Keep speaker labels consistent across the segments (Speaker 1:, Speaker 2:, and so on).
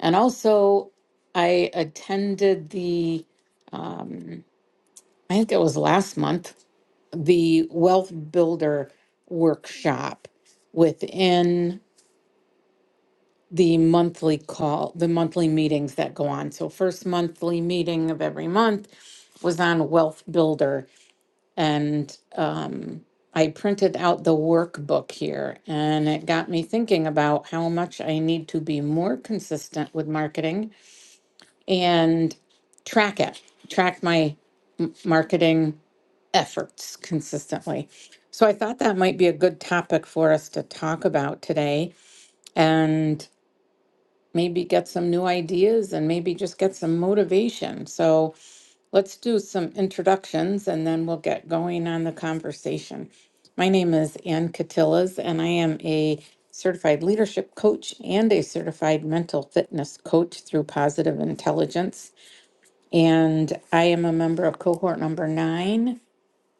Speaker 1: And also, I attended the, um, I think it was last month, the Wealth Builder workshop within the monthly call, the monthly meetings that go on. So, first monthly meeting of every month was on Wealth Builder. And um, I printed out the workbook here, and it got me thinking about how much I need to be more consistent with marketing and track it, track my marketing efforts consistently. So I thought that might be a good topic for us to talk about today and maybe get some new ideas and maybe just get some motivation. So let's do some introductions and then we'll get going on the conversation. My name is Ann Catillas and I am a certified leadership coach and a certified mental fitness coach through positive intelligence. And I am a member of cohort number nine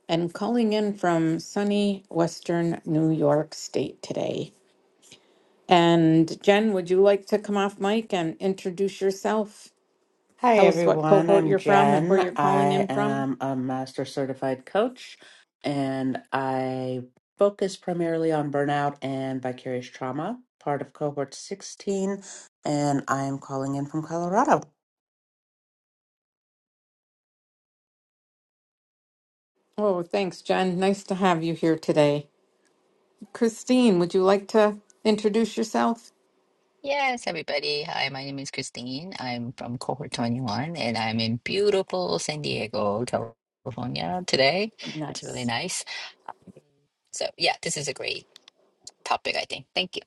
Speaker 1: and calling in from sunny Western New York State today. And Jen, would you like to come off mic and introduce yourself?
Speaker 2: Hi,
Speaker 1: Tell us what
Speaker 2: everyone.
Speaker 1: cohort
Speaker 2: I'm
Speaker 1: you're from and where
Speaker 2: Jen.
Speaker 1: you're calling
Speaker 2: I
Speaker 1: in from.
Speaker 2: am a master certified coach and I focus primarily on burnout and vicarious trauma, part of cohort 16. And I am calling in from Colorado.
Speaker 1: Oh, thanks, Jen. Nice to have you here today. Christine, would you like to introduce yourself?
Speaker 3: Yes, everybody. Hi, my name is Christine. I'm from cohort 21 and I'm in beautiful San Diego, California today. It's really
Speaker 1: Nice.
Speaker 3: nice. So, yeah, this is a great topic, I think. Thank you.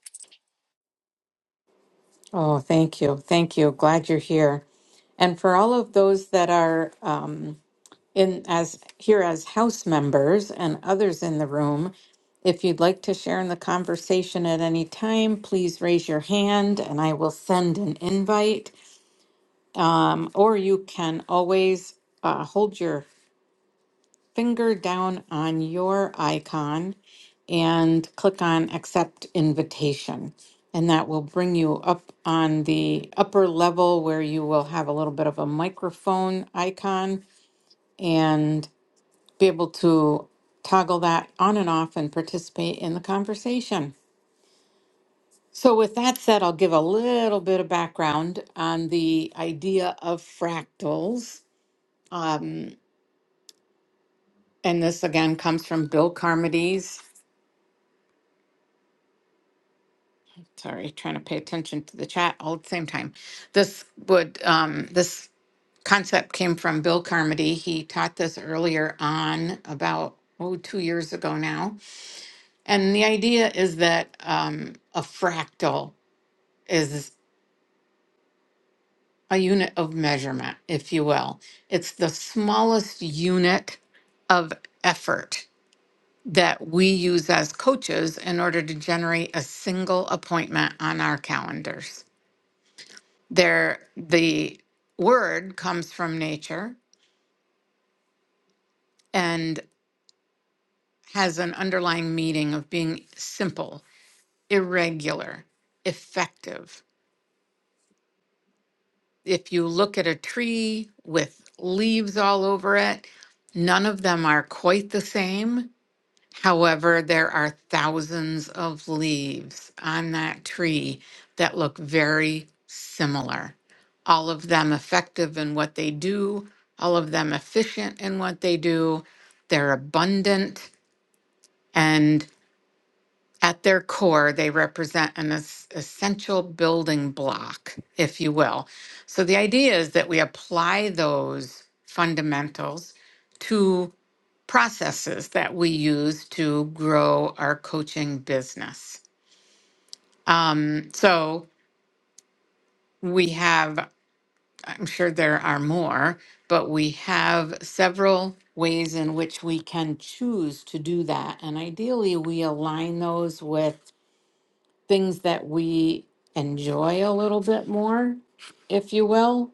Speaker 1: Oh, thank you. Thank you. Glad you're here. And for all of those that are um, in as here as house members and others in the room. If you'd like to share in the conversation at any time, please raise your hand and I will send an invite. Um, Or you can always uh, hold your finger down on your icon and click on accept invitation. And that will bring you up on the upper level where you will have a little bit of a microphone icon. and. be able to toggle that on and off and participate in the conversation. So, with that said, I'll give a little bit of background on the idea of fractals. Um, and this again comes from Bill Carmody's. Sorry, trying to pay attention to the chat all at the same time. This would um, this concept came from Bill Carmody. He taught this earlier on about oh, two years ago now. And the idea is that um, a fractal is a unit of measurement, if you will. It's the smallest unit of effort that we use as coaches in order to generate a single appointment on our calendars. There, the word comes from nature and has an underlying meaning of being simple, irregular, effective if you look at a tree with leaves all over it, none of them are quite the same. However, there are thousands of leaves on that tree that look very similar. All of them effective in what they do, all of them efficient in what they do. They're abundant. and. At their core, they represent an es- essential building block, if you will. So the idea is that we apply those fundamentals to processes that we use to grow our coaching business. Um, so we have, I'm sure there are more, but we have several ways in which we can choose to do that. And ideally, we align those with things that we enjoy a little bit more, if you will.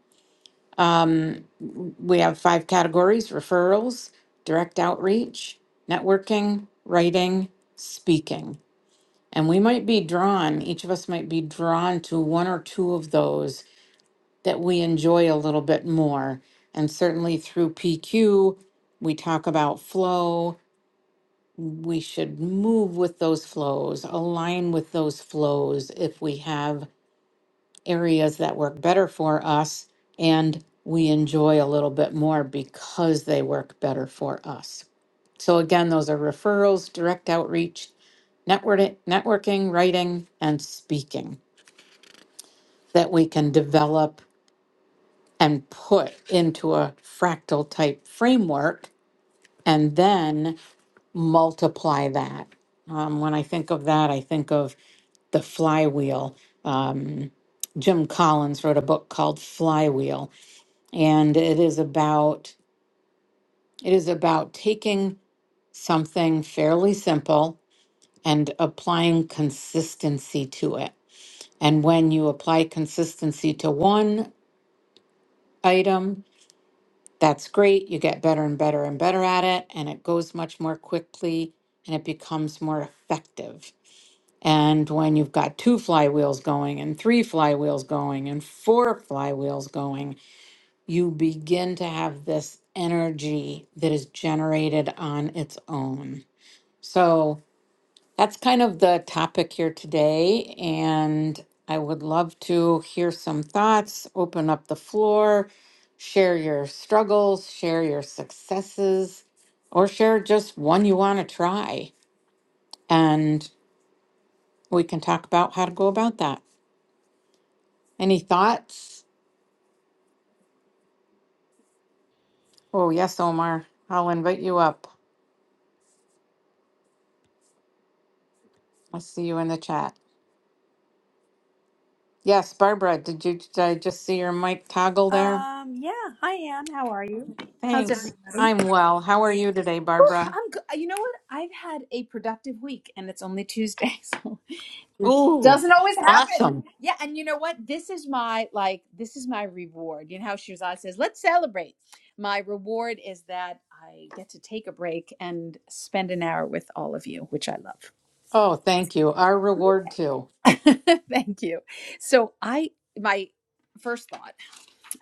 Speaker 1: Um, we have five categories referrals, direct outreach, networking, writing, speaking. And we might be drawn, each of us might be drawn to one or two of those that we enjoy a little bit more. And certainly through PQ, we talk about flow. We should move with those flows, align with those flows if we have areas that work better for us and we enjoy a little bit more because they work better for us. So again, those are referrals, direct outreach, networking, networking, writing, and speaking that we can develop and put into a fractal type framework and then multiply that. Um, when I think of that, I think of the flywheel. Um, Jim Collins wrote a book called Flywheel and it is about it is about taking something fairly simple and applying consistency to it and when you apply consistency to one item that's great you get better and better and better at it and it goes much more quickly and it becomes more effective and when you've got two flywheels going and three flywheels going and four flywheels going you begin to have this energy that is generated on its own. So that's kind of the topic here today. And I would love to hear some thoughts, open up the floor, share your struggles, share your successes, or share just one you want to try. And we can talk about how to go about that. Any thoughts? Oh, yes, Omar. I'll invite you up. I see you in the chat. Yes, Barbara, did you, did I just see your mic toggle there?
Speaker 4: Um, yeah. Hi, Anne. How are you? How's
Speaker 1: Thanks.
Speaker 4: everybody? Whew,
Speaker 1: I'm well. How are you today, Barbara?
Speaker 4: I'm good. You know what? I've had a productive week and it's only Tuesday, so this
Speaker 1: Ooh,
Speaker 4: doesn't always
Speaker 1: that's
Speaker 4: happen.
Speaker 1: awesome.
Speaker 4: Yeah, and you know what? This is my like this is my reward. You know how Shirzad says, "Let's celebrate." My reward is that I get to take a break and spend an hour with all of you, which I
Speaker 1: Oh, thank you. Our reward too.
Speaker 4: love. Thank you. So, I my first thought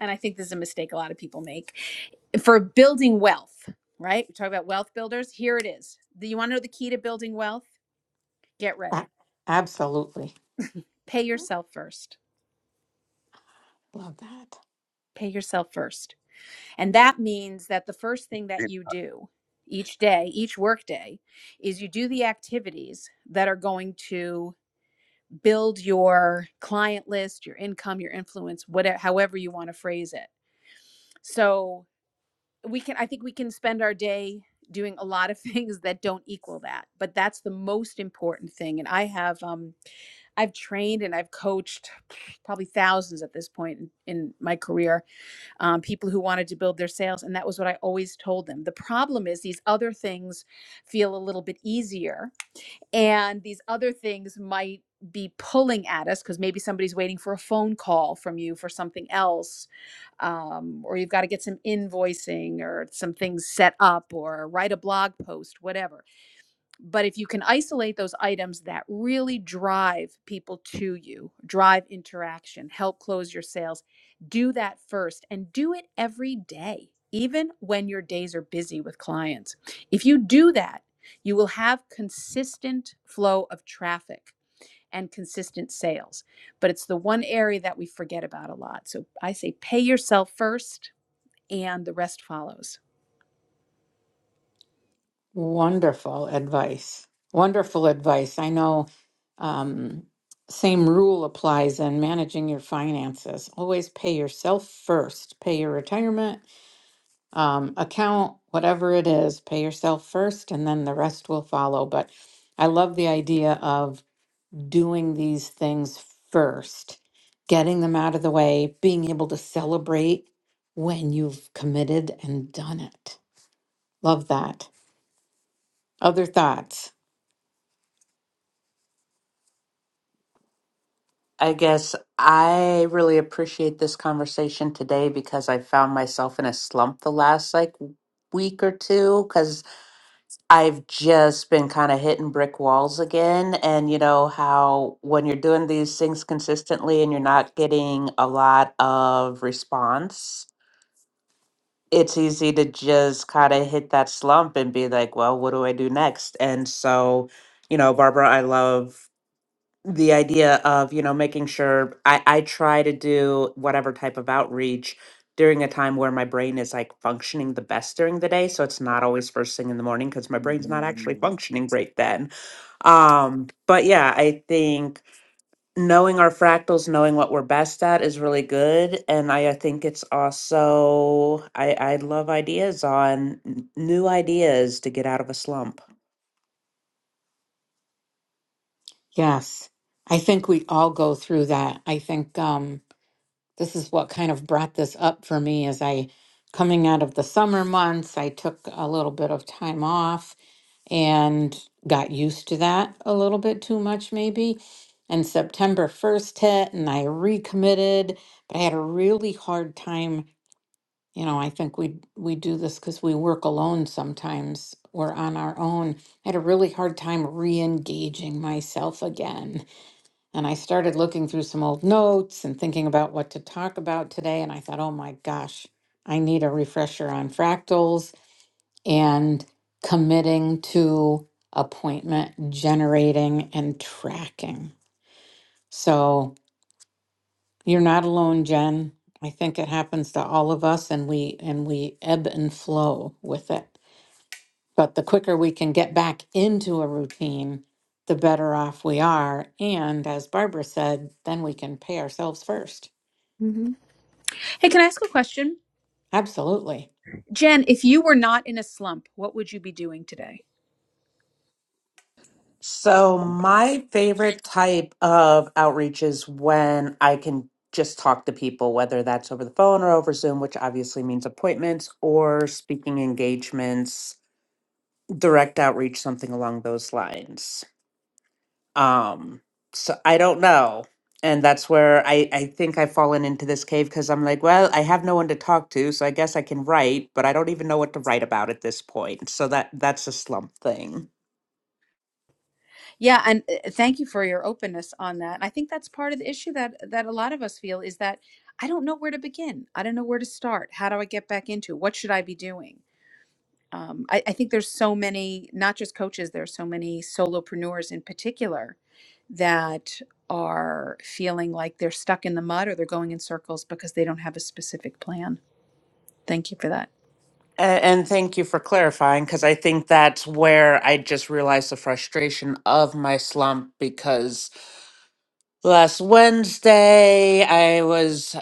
Speaker 4: and I think this is a mistake a lot of people make for building wealth, right? We talk about wealth builders. Here it is. Do you want to know the key to building wealth? Get ready.
Speaker 1: A- Absolutely.
Speaker 4: Pay yourself first.
Speaker 1: Love that.
Speaker 4: Pay yourself first. And that means that the first thing that
Speaker 5: Great.
Speaker 4: you
Speaker 5: I
Speaker 4: do each day, each work day, is you do the activities that are going to build your client list, your income, your influence, whatever however you want to phrase it. So we can i think we can spend our day doing a lot of things that don't equal that but that's the most important thing and i have um i've trained and i've coached probably thousands at this point in, in my career um, people who wanted to build their sales and that was what i always told them the problem is these other things feel a little bit easier and these other things might be pulling at us because maybe somebody's waiting for a phone call from you for something else um, or you've got to get some invoicing or some things set up or write a blog post whatever but if you can isolate those items that really drive people to you, drive interaction, help close your sales, do that first and do it every day, even when your days are busy with clients. If you do that, you will have consistent flow of traffic and consistent sales. But it's the one area that we forget about a lot. So I say pay yourself first and the rest follows.
Speaker 1: Wonderful advice. Wonderful advice. I know um, same rule applies in managing your finances. Always pay yourself first. Pay your retirement, um, account, whatever it is, pay yourself first and then the rest will follow. But I love the idea of doing these things first, getting them out of the way, being able to celebrate when you've committed and done it. Love that. Other thoughts?
Speaker 2: I guess I really appreciate this conversation today because I found myself in a slump the last like week or two because. I've just been kind of hitting brick walls again. And you know how when you're doing these things consistently and you're not getting a lot of response, it's easy to just kind of hit that slump and be like, well, what do I do next? And so, you know, Barbara, I love the idea of you know making sure I, I try to do whatever type of outreach during a time where my brain is like functioning the best during the day so it's not always first thing in the morning because my brain's not actually functioning great then um but yeah i think knowing our fractals knowing what we're best at is really good and i, I think it's also i i love ideas on n- new ideas to get out of a slump
Speaker 1: Yes. I think we all go through that. I think um, this is what kind of brought this up for me as I coming out of the summer months, I took a little bit of time off and got used to that a little bit too much, maybe. And September 1st hit, and I recommitted, but I had a really hard time. You know, I think we we do this because we work alone sometimes. We're on our own. I had a really hard time re-engaging myself again. And I started looking through some old notes and thinking about what to talk about today. And I thought, oh my gosh, I need a refresher on fractals and committing to appointment generating and tracking. So you're not alone, Jen. I think it happens to all of us and we and we ebb and flow with it. But the quicker we can get back into a routine, the better off we are. And as Barbara said, then we can pay ourselves first.
Speaker 4: hmm Hey, can I ask a question?
Speaker 1: Absolutely.
Speaker 4: Jen, if you were not in a slump, what would you be doing today?
Speaker 2: So, my favorite type of outreach is when I can just talk to people, whether that's over the phone or over Zoom, which obviously means appointments or speaking engagements, direct outreach, something along those lines. Um, so, I don't know. And that's where I, I think I've fallen into this cave because I'm like, well, I have no one to talk to, so I guess I can write, but I don't even know what to write about at this point. So that that's a slump thing.
Speaker 4: Yeah, and uh, thank you for your openness on that. I think that's part of the issue that that a lot of us feel is that I don't know where to begin. I don't know where to start. How do I get back into it? What should I be doing? Um, I, I think there's so many, not just coaches, there's so many solopreneurs in particular that are feeling like they're stuck in the mud or they're going in circles because they don't have a specific plan. Thank you for that.
Speaker 2: A- And thank you for clarifying because I think that's where I just realized the frustration of my slump because last Wednesday I was,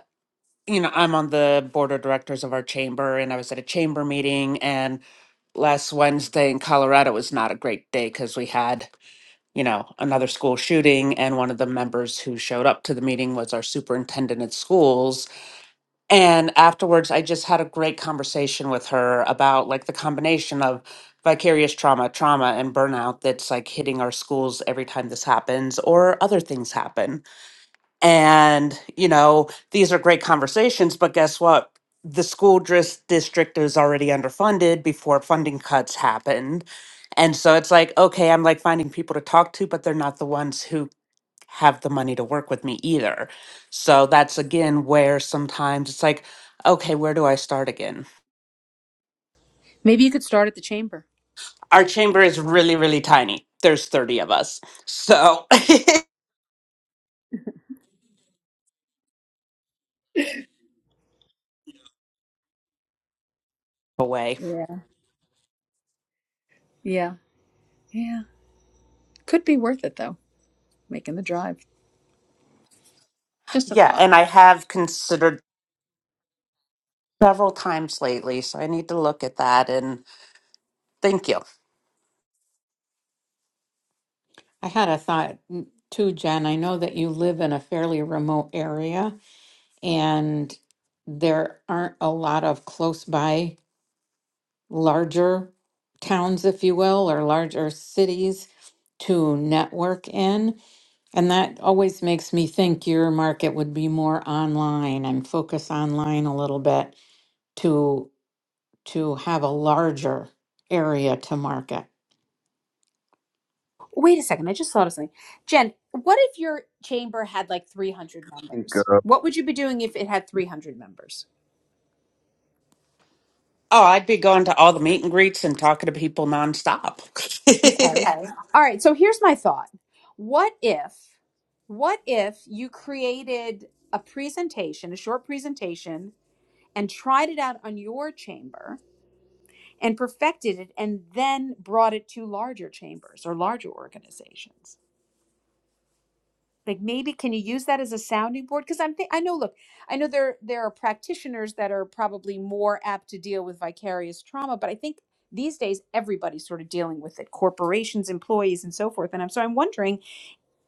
Speaker 2: you know, I'm on the board of directors of our chamber and I was at a chamber meeting and last Wednesday in Colorado was not a great day because we had, you know, another school shooting and one of the members who showed up to the meeting was our superintendent at schools and afterwards, I just had a great conversation with her about like the combination of vicarious trauma, trauma, and burnout that's like hitting our schools every time this happens or other things happen. And, you know, these are great conversations, but guess what? The school dris- district is already underfunded before funding cuts happened. And so it's like, okay, I'm like finding people to talk to, but they're not the ones who have the money to work with me either. So that's again where sometimes it's like, okay, where do I start again?
Speaker 4: Maybe you could start at the chamber.
Speaker 2: Our chamber is really, really tiny. There's 30 of us. So away.
Speaker 4: Yeah. Yeah. Yeah. Could be worth it though, making the drive. Just a
Speaker 2: Yeah.
Speaker 4: thought.
Speaker 2: And I have considered several times lately. So I need to look at that and thank you.
Speaker 1: I had a thought mm, too, Jen. I know that you live in a fairly remote area and there aren't a lot of close by larger towns, if you will, or larger cities to network in. And that always makes me think your market would be more online and focus online a little bit to to have a larger area to market.
Speaker 4: Wait a second. I just thought of something. Jen, what if your chamber had like 300
Speaker 5: think,
Speaker 4: members?
Speaker 5: uh,
Speaker 4: What would you be doing if it had 300 members?
Speaker 2: Oh, I'd be going to all the meet and greets and talking to people nonstop.
Speaker 4: Okay.
Speaker 2: Okay.
Speaker 4: All right. So here's my thought. What if, what if you created a presentation, a short presentation, and tried it out on your chamber and perfected it and then brought it to larger chambers or larger organizations? like maybe can you use that as a sounding board because i'm think i know look i know there there are practitioners that are probably more apt to deal with vicarious trauma but i think these days everybody's sort of dealing with it corporations employees and so forth and i'm so i'm wondering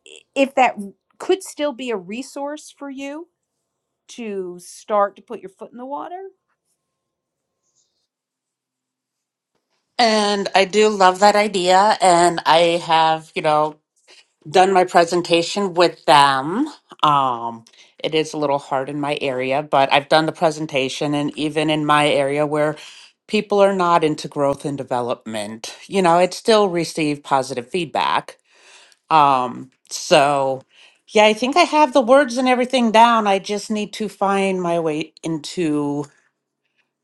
Speaker 4: i- if that w- could still be a resource for you to start to put your foot in the water
Speaker 2: and I do love that idea. And I have, you know, done my presentation with them. Um, it is a little hard in my area, but I've done the presentation, and even in my area where people are not into growth and development, you know, it still received positive feedback. Um, so, yeah, I think I have the words and everything down. I just need to find my way into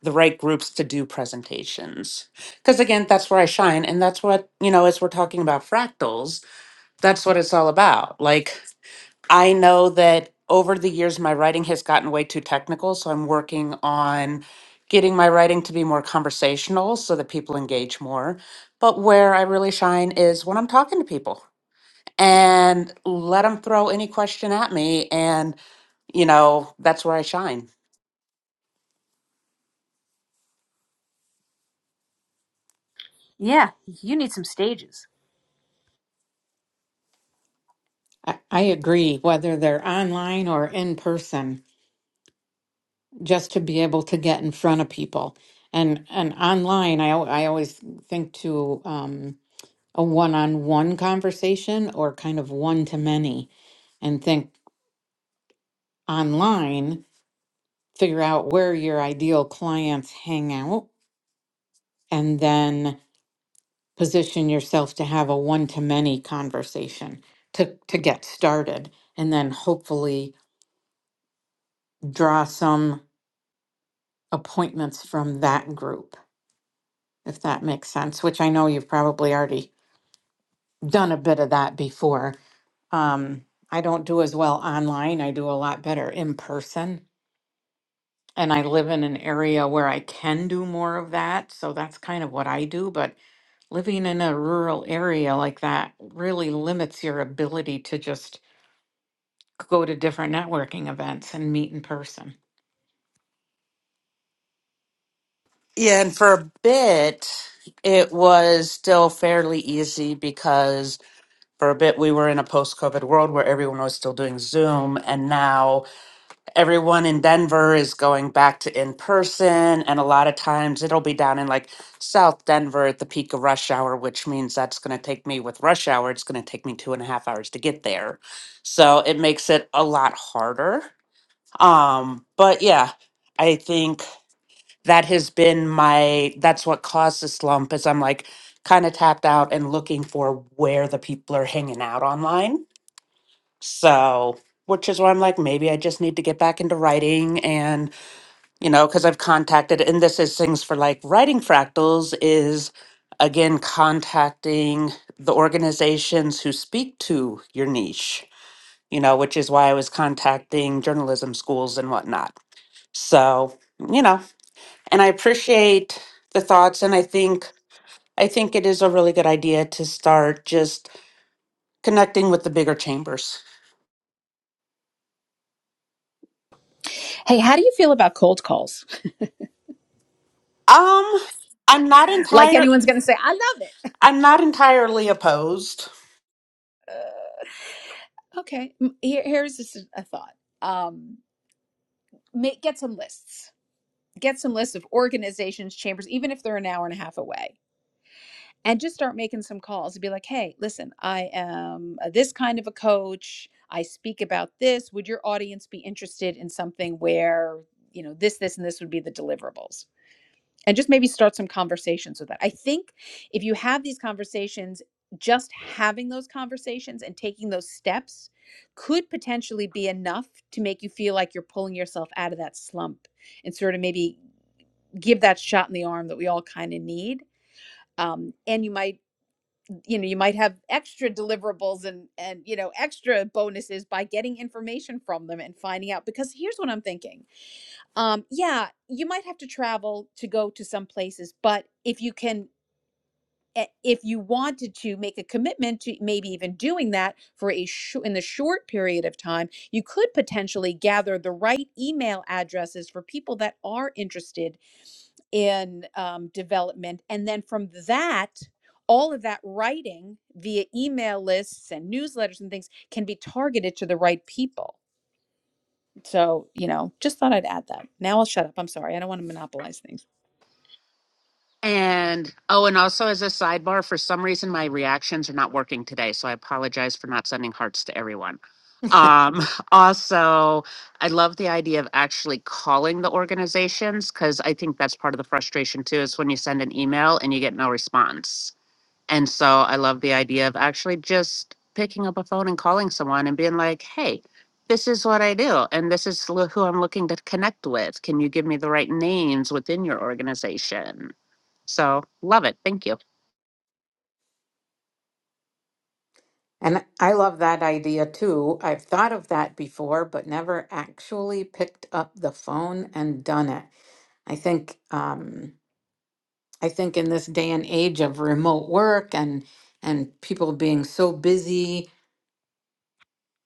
Speaker 2: the right groups to do presentations. Because again, that's where I shine. And that's what, you know, as we're talking about fractals, that's what it's all about. Like, I know that over the years, my writing has gotten way too technical, so I'm working on getting my writing to be more conversational so that people engage more. But where I really shine is when I'm talking to people and let them throw any question at me. And, you know, that's where I shine.
Speaker 4: yeah you need some stages
Speaker 1: I, I agree, whether they're online or in person. just to be able to get in front of people. And and online, I al- I always think to um, a one-on-one conversation or kind of one-to-many, and think online, figure out where your ideal clients hang out, and then position yourself to have a one-to-many conversation to to get started, and then hopefully draw some appointments from that group, if that makes sense. Which I know you've probably already done a bit of that before. Um, I don't do as well online. I do a lot better in person. And I live in an area where I can do more of that. So that's kind of what I do. But living in a rural area like that really limits your ability to just go to different networking events and meet in person.
Speaker 2: And for a bit, it was still fairly easy because for a bit we were in a post COVID world where everyone was still doing Zoom. And now, everyone in Denver is going back to in person, and a lot of times it'll be down in like South Denver at the peak of rush hour, which means that's going to take me with rush hour, it's going to take me two and a half hours to get there. So it makes it a lot harder. Um, but yeah, I think that has been my that's what caused the slump is I'm like kind of tapped out and looking for where the people are hanging out online. So which is why I'm like, maybe I just need to get back into writing and you know, because I've contacted, and this is things for like writing fractals is again contacting the organizations who speak to your niche, you know, which is why I was contacting journalism schools and whatnot. So, you know, and I appreciate the thoughts, and I think I think it is a really good idea to start just connecting with the bigger chambers.
Speaker 4: Hey, how do you feel about cold calls?
Speaker 2: Um, I'm not
Speaker 4: Like
Speaker 2: entire
Speaker 4: anyone's going to say, I love it.
Speaker 2: I'm not entirely opposed
Speaker 4: Okay, m- here, here's just a a thought. Um, make, get some lists. get some lists of organizations, chambers, even if they're an hour and a half away, and just start making some calls and be like, hey, listen, I am uh, this kind of a coach. I speak about this. Would your audience be interested in something where, you know, this, this, and this would be the deliverables? and just maybe start some conversations with that. I think if you have these conversations, just having those conversations and taking those steps could potentially be enough to make you feel like you're pulling yourself out of that slump and sort of maybe give that shot in the arm that we all kind of need. Um, and you might, you know, you might have extra deliverables and and you know extra bonuses by getting information from them and finding out. Because here's what I'm thinking um, yeah, you might have to travel to go to some places, but if you can, eh, if you wanted to make a commitment to maybe even doing that for a sh- in the short period of time, you could potentially gather the right email addresses for people that are interested in um, development, and then from that. All of that writing via email lists and newsletters and things can be targeted to the right people so, you know, just thought I'd add that. Now I'll shut up. I'm sorry. I don't want to monopolize things.
Speaker 2: And oh, and also as a sidebar, for some reason my reactions are not working today, so I apologize for not sending hearts to everyone. Um, also, I love the idea of actually calling the organizations because I think that's part of the frustration too is when you send an email and you get no response. And so I love the idea of actually just picking up a phone and calling someone and being like, hey, this is what I do, and this is lo- who I'm looking to connect with. Can you give me the right names within your organization? So love it. Thank you.
Speaker 1: And I love that idea too. I've thought of that before, but never actually picked up the phone and done it. I think um, I think in this day and age of remote work and and people being so busy,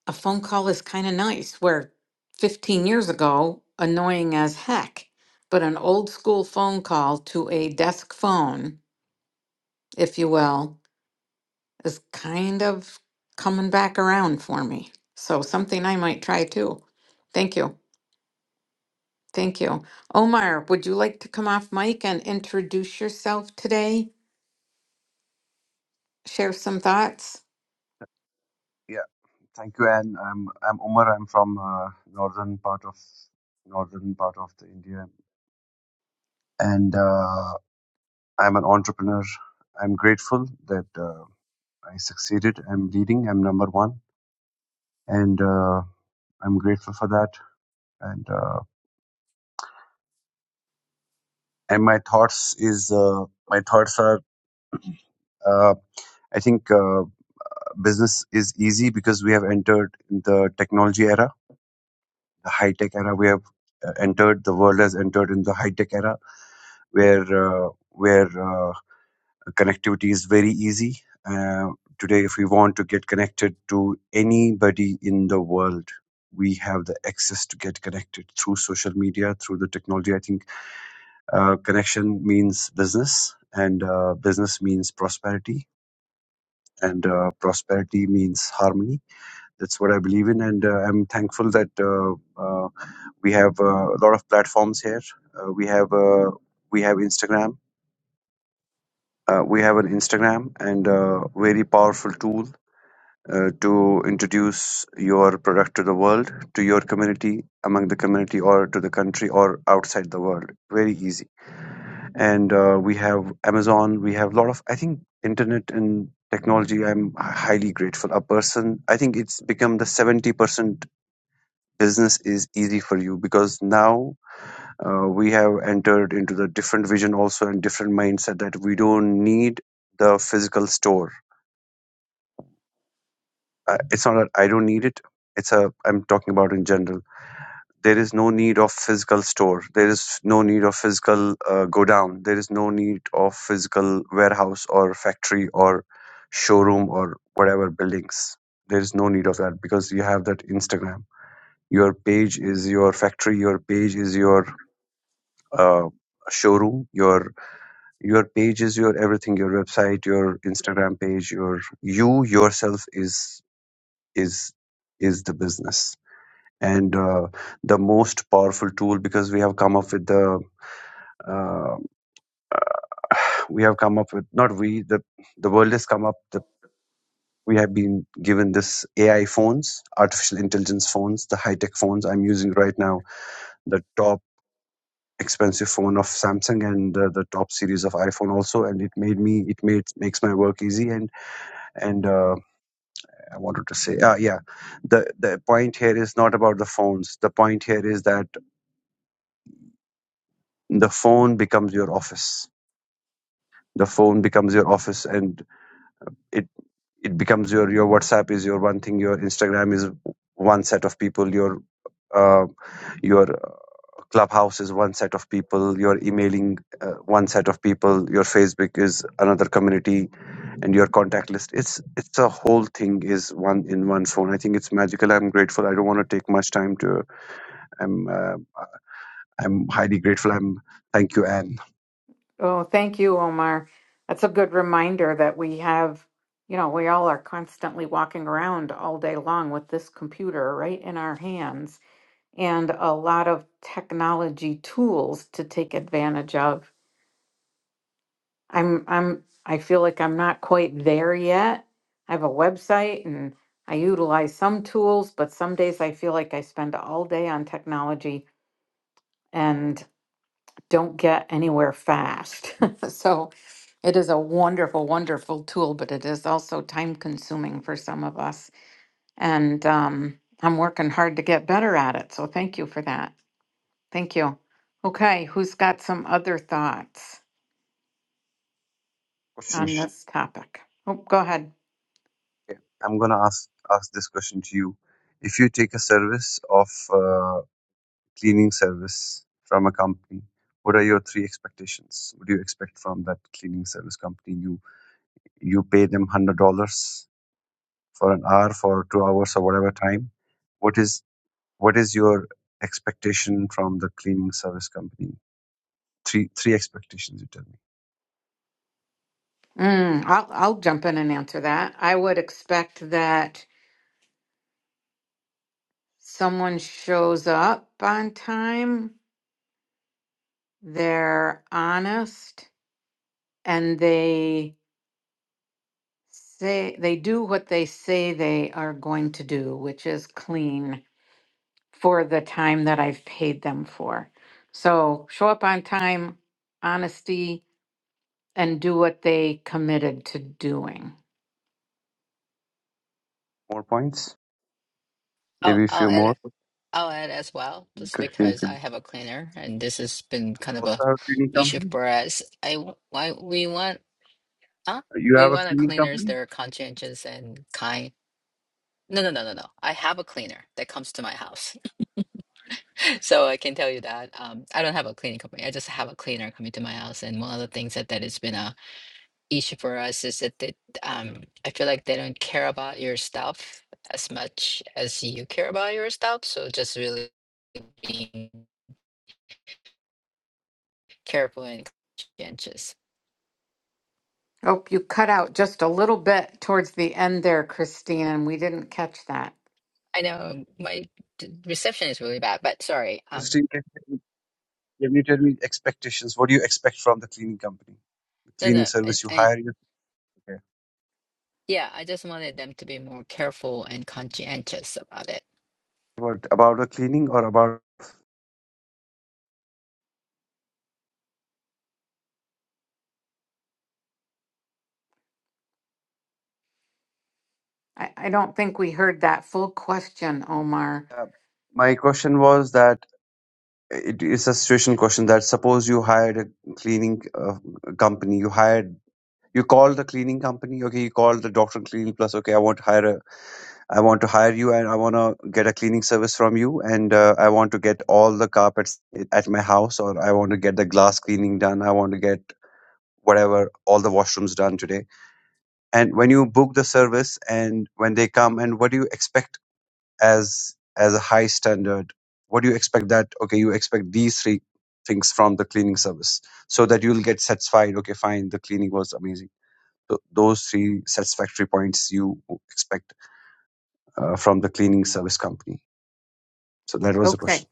Speaker 1: a phone call is kind of nice. Where 15 years ago, annoying as heck, but an old school phone call to a desk phone, if you will, is kind of coming back around for me. So something I might try too. Thank you. Thank you. Omar, would you like to come off mic and introduce yourself today? Share some thoughts?
Speaker 5: yeah, thank you, Anne. I'm I'm Umar. I'm from uh, northern part of northern part of the India, and uh, I'm an entrepreneur. I'm grateful that uh, I succeeded. I'm leading. I'm number one, and uh, I'm grateful for that. And uh, and my thoughts is uh, my thoughts are. Uh, I think uh, business is easy because we have entered in the technology era, the high tech era. We have uh, entered the world has entered in the high tech era where uh, where uh, connectivity is very easy uh, today if we want to get connected to anybody in the world we have the access to get connected through social media through the technology i think uh, connection means business and uh, business means prosperity and uh, prosperity means harmony that's what i believe in and uh, i'm thankful that uh, uh, we have uh, a lot of platforms here uh, we have uh, we have instagram Uh, we have an Instagram and a very powerful tool uh, to introduce your product to the world, to your community, among the community, or to the country, or outside the world. Very easy. And uh, we have Amazon. We have a lot of, I think, internet and technology. I'm highly grateful. A person, I think it's become the 70% business is easy for you because now uh, we have entered into the different vision also and different mindset that we don't need the physical store Uh, it's not that I don't need it. It's a I'm talking about in general. There is no need of physical store. There is no need of physical uh, go down. There is no need of physical warehouse or factory or showroom or whatever buildings. There is no need of that because you have that Instagram. Your page is your factory. Your page is your uh, showroom. Your your page is your everything. Your website, your Instagram page, your you yourself is is is the business and uh, the most powerful tool because we have come up with the uh, we have come up with not we the the world has come up the we have been given this AI phones, artificial intelligence phones, the high tech phones. I'm using right now the top expensive phone of Samsung and uh, the top series of iPhone also, and it made me it made makes my work easy. And and uh, I wanted to say, uh, yeah, the the point here is not about the phones. The point here is that the phone becomes your office the phone becomes your office and it it becomes your your whatsapp is your one thing your instagram is one set of people your uh, your clubhouse is one set of people your emailing uh, one set of people your facebook is another community and your contact list it's it's a whole thing is one in one phone i think it's magical i'm grateful i don't want to take much time to i'm uh, i'm highly grateful i'm thank you anne
Speaker 1: Oh, thank you, Omar. That's a good reminder that we have, you know, we all are constantly walking around all day long with this computer right in our hands and a lot of technology tools to take advantage of. I'm I'm I feel like I'm not quite there yet. I have a website and I utilize some tools, but some days I feel like I spend all day on technology and. don't get anywhere fast. so it is a wonderful, wonderful tool, but it is also time consuming for some of us. And um, I'm working hard to get better at it. So thank you for that. Thank you. Okay, who's got some other thoughts on
Speaker 5: question
Speaker 1: this topic? Oh, go ahead.
Speaker 5: Okay, I'm gonna ask ask this question to you. If you take a service of uh, cleaning service from a company, what are your three expectations? What do you expect from that cleaning service company? You you pay them hundred dollars for an hour, for two hours, or whatever time. What is what is your expectation from the cleaning service company? Three three expectations. You tell me.
Speaker 1: Mm, I'll, I'll jump in and answer that. I would expect that someone shows up on time, they're honest, and they say they do what they say they are going to do, which is clean for the time that I've paid them for. So show up on time, honesty, and do what they committed to doing.
Speaker 5: More points,
Speaker 3: I'll,
Speaker 5: maybe a
Speaker 3: I'll
Speaker 5: few more.
Speaker 3: add I'll add as well, just
Speaker 5: Christine,
Speaker 3: because
Speaker 5: can
Speaker 3: I
Speaker 5: you
Speaker 3: have a cleaner and this has been kind of
Speaker 5: also
Speaker 3: a
Speaker 5: have a cleaning
Speaker 3: issue
Speaker 5: company?
Speaker 3: for us. I w- why we want huh?
Speaker 5: You
Speaker 3: We
Speaker 5: have a
Speaker 3: want a
Speaker 5: cleaning
Speaker 3: cleaners
Speaker 5: company,
Speaker 3: that are conscientious and kind. No, no, no, no, no. I have a cleaner that comes to my house. So I can tell you that um, I don't have a cleaning company. I just have a cleaner coming to my house. And one of the things that, that has been a issue for us is that they, um, I feel like they don't care about your stuff as much as you care about your stuff. So just really being careful and conscientious.
Speaker 1: Oh, you cut out just a little bit towards the end there, Christine. and We didn't catch that.
Speaker 3: I know my d- reception is really bad, but sorry. Um,
Speaker 5: Christine. Can Can you tell me expectations? What do you expect from the cleaning company, the
Speaker 3: no,
Speaker 5: cleaning
Speaker 3: no. I,
Speaker 5: service you
Speaker 3: I,
Speaker 5: hire? Yes, Okay.
Speaker 3: yeah, I just wanted them to be more careful and conscientious about it.
Speaker 5: What about the cleaning or about?
Speaker 1: I, I don't think we heard that full question, Omar.
Speaker 5: Uh, my question was that it is a situation question that suppose you hired a cleaning uh, company, you hired. You call the cleaning company, okay. You call the doctor cleaning plus, okay. I want to hire a, I want to hire you, and I want to get a cleaning service from you, and uh, I want to get all the carpets at my house, or I want to get the glass cleaning done. I want to get whatever all the washrooms done today and when you book the service and when they come and what do you expect as as a high standard what do you expect that okay you expect these three things from the cleaning service so that you'll get satisfied okay fine the cleaning was amazing so those three satisfactory points you expect uh, from the cleaning service company so that was the
Speaker 1: Okay.
Speaker 5: question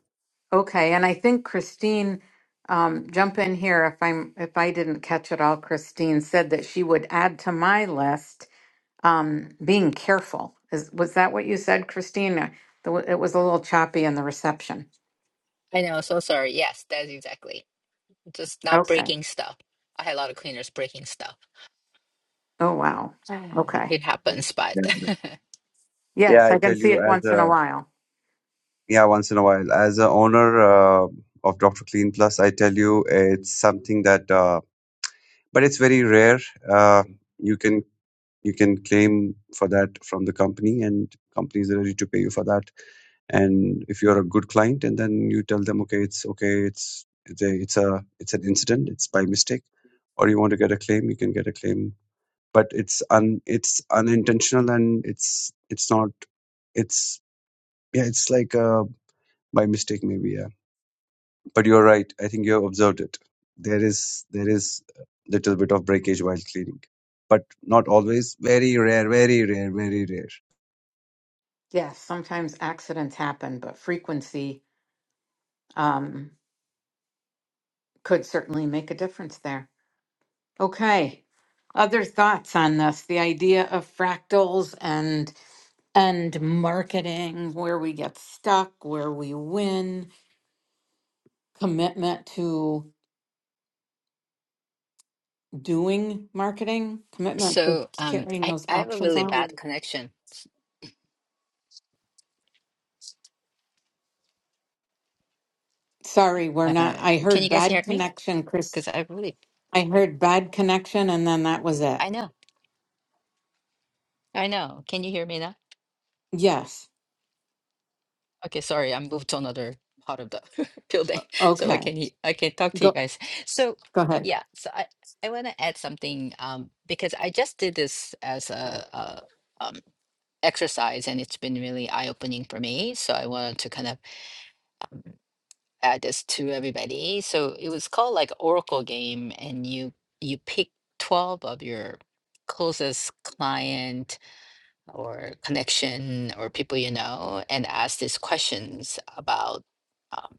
Speaker 1: Okay, and I think Christine, um, jump in here if I'm if I didn't catch it all. Christine said that she would add to my list um, being careful. Is was that what you said, Christine? Uh, the w- It was a little choppy in the reception.
Speaker 3: I know. So sorry. Yes, that's exactly. just not
Speaker 1: Okay.
Speaker 3: breaking stuff. I had a lot of cleaners breaking stuff.
Speaker 1: Oh wow.
Speaker 3: Mm.
Speaker 1: Okay.
Speaker 3: It happens, but
Speaker 5: yeah
Speaker 1: Yes,
Speaker 5: i
Speaker 1: I can
Speaker 5: tell
Speaker 1: see
Speaker 5: you
Speaker 1: it
Speaker 5: as
Speaker 1: once in a
Speaker 5: a
Speaker 1: while.
Speaker 5: yeah once in a while as a owner uh, of dr clean plus i tell you it's something that uh, but it's very rare. Uh, you can you can claim for that from the company, and companies are ready to pay you for that. And if you're a good client, and then you tell them, okay, it's okay, it's it's a it's a- it's an incident, it's by mistake, or you want to get a claim, you can get a claim. But it's un it's unintentional, and it's it's not it's yeah, it's like uh by mistake maybe. yeah. But you're right. I think you have observed it. There is there is a little bit of breakage while cleaning, but not always. Very rare. Very rare. Very rare.
Speaker 1: Yes, sometimes accidents happen, but frequency um, could certainly make a difference there. Okay. Other thoughts on this? The idea of fractals and and marketing, where we get stuck, where we win, commitment to doing marketing, commitment to
Speaker 3: so um,
Speaker 1: carrying
Speaker 3: I
Speaker 1: those
Speaker 3: I have a
Speaker 1: actions
Speaker 3: really
Speaker 1: out.
Speaker 3: bad connection.
Speaker 1: Sorry, we're not.
Speaker 3: Uh,
Speaker 1: I
Speaker 3: can
Speaker 1: heard
Speaker 3: you guys
Speaker 1: bad
Speaker 3: hear me?
Speaker 1: connection, Chris.
Speaker 3: Because I really
Speaker 1: I heard bad connection, and then that was it.
Speaker 3: I know I know. Can you hear me now?
Speaker 1: Yes.
Speaker 3: Okay, sorry, I moved to another part of the building, so I
Speaker 1: Okay.
Speaker 3: can he- I can talk to you
Speaker 1: Go.
Speaker 3: guys. So
Speaker 1: Go ahead.
Speaker 3: yeah, so I I want to add something um because I just did this as a, a um exercise and it's been really eye opening for me. So I wanted to kind of Add this to everybody. So it was called like Oracle game, and you you pick twelve of your closest client or connection or people you know, and ask these questions about. Um,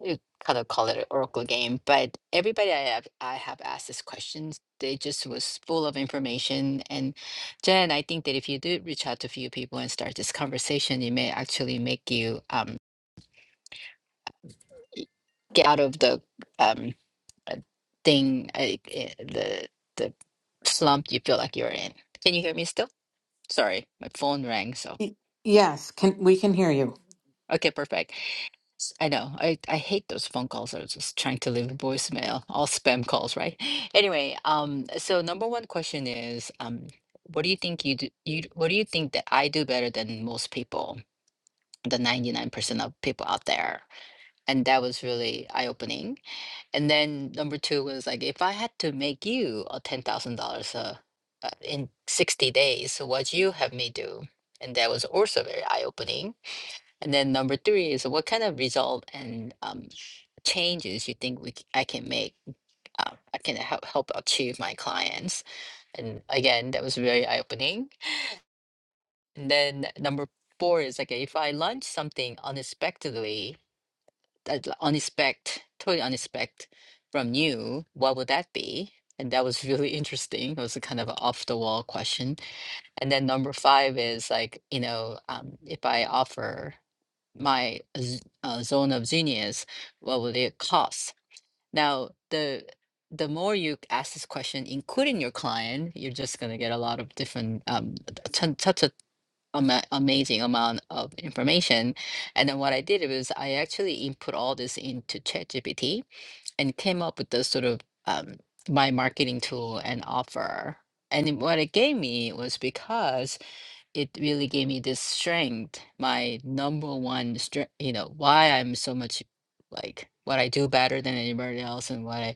Speaker 3: you kind of call it an Oracle game, but everybody I have I have asked these questions. They just was full of information. And Jen, I think that if you do reach out to a few people and start this conversation, it may actually make you um, get out of the um, uh, thing, uh, uh, the the slump you feel like you're in. Can you hear me still? Sorry, my phone rang, so
Speaker 1: Y- Yes. Can we can hear you?
Speaker 3: okay, perfect. S- I know. I I hate those phone calls. I was just trying to leave a voicemail. All spam calls, right? Anyway, um, so number one question is, um, what do you think you do? You what do you think that I do better than most people? The 99% of people out there. And that was really eye-opening And then number two was like, if I had to make you a ten thousand dollars uh, uh, in sixty days, so what you have me do? And that was also very eye opening. And then number three is what kind of result and um, changes you think we c- I can make? Uh, I can help help achieve my clients. And again, that was very eye opening. And then number four is like if I launch something unexpectedly I'd li- unexpect, totally unexpect from you, what would that be? And that was really interesting. It was a kind of an off the wall question. And then number five is like, you know, um, if I offer my z- uh, zone of genius, what would it cost? Now, the the more you ask this question, including your client, you're just going to get a lot of different um, t- t- ama- amazing amount of information. And then what I did was I actually input all this into ChatGPT and came up with the sort of um, my marketing tool and offer. And it- what it gave me was because it really gave me this strength, my number one strength, you know, why I'm so much like what I do better than anybody else and what I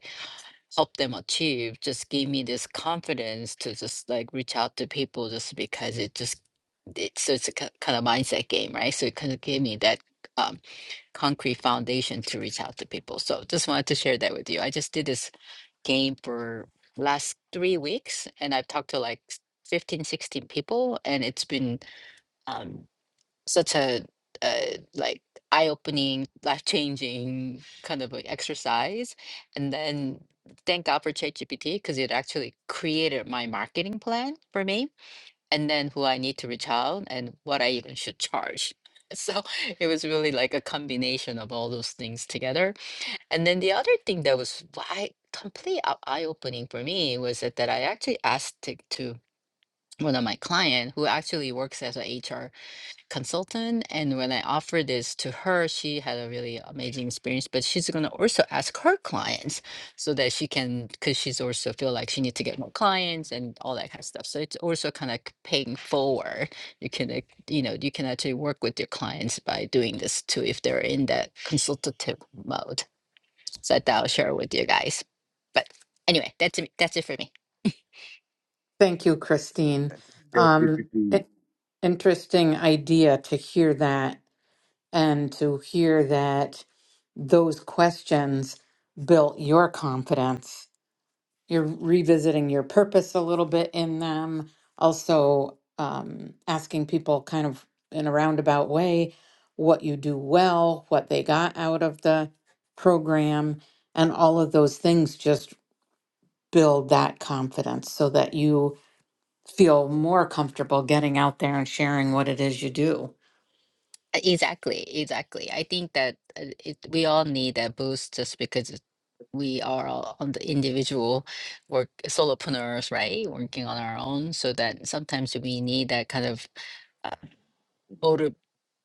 Speaker 3: help them achieve just gave me this confidence to just like reach out to people just because it just it's so it's a ki- kind of mindset game right so it kind of gave me that um, concrete foundation to reach out to people so just wanted to share that with you i just did this game for last three weeks and i've talked to like 15, 16 people and it's been um such a uh, like eye-opening, life-changing kind of like exercise. And then thank God for ChatGPT because it actually created my marketing plan for me, and then who I need to reach out and what I even should charge. So it was really like a combination of all those things together. And then the other thing that was why complete eye- eye-opening for me was that, that I actually asked to, to one of my client who actually works as a HR consultant and when i offered this to her she had a really amazing experience but she's going to also ask her clients so that she can because she's also feel like she needs to get more clients and all that kind of stuff so it's also kind of paying forward you can ac- you know you can actually work with your clients by doing this too if they're in that consultative mode so that i'll share with you guys but anyway that's it that's it for me
Speaker 1: Thank you, Christine.
Speaker 5: I think we
Speaker 1: Um, i- interesting idea to hear that and to hear that those questions built your confidence. You're revisiting your purpose a little bit in them, also um, asking people kind of in a roundabout way what you do well, what they got out of the program, and all of those things just build that confidence so that you feel more comfortable getting out there and sharing what it is you do.
Speaker 3: Uh, Exactly, exactly. I think that uh, it, we all need that boost just because it- we are all on the individual work solopreneurs, right? Working on our own, so that sometimes we need that kind of uh, motive,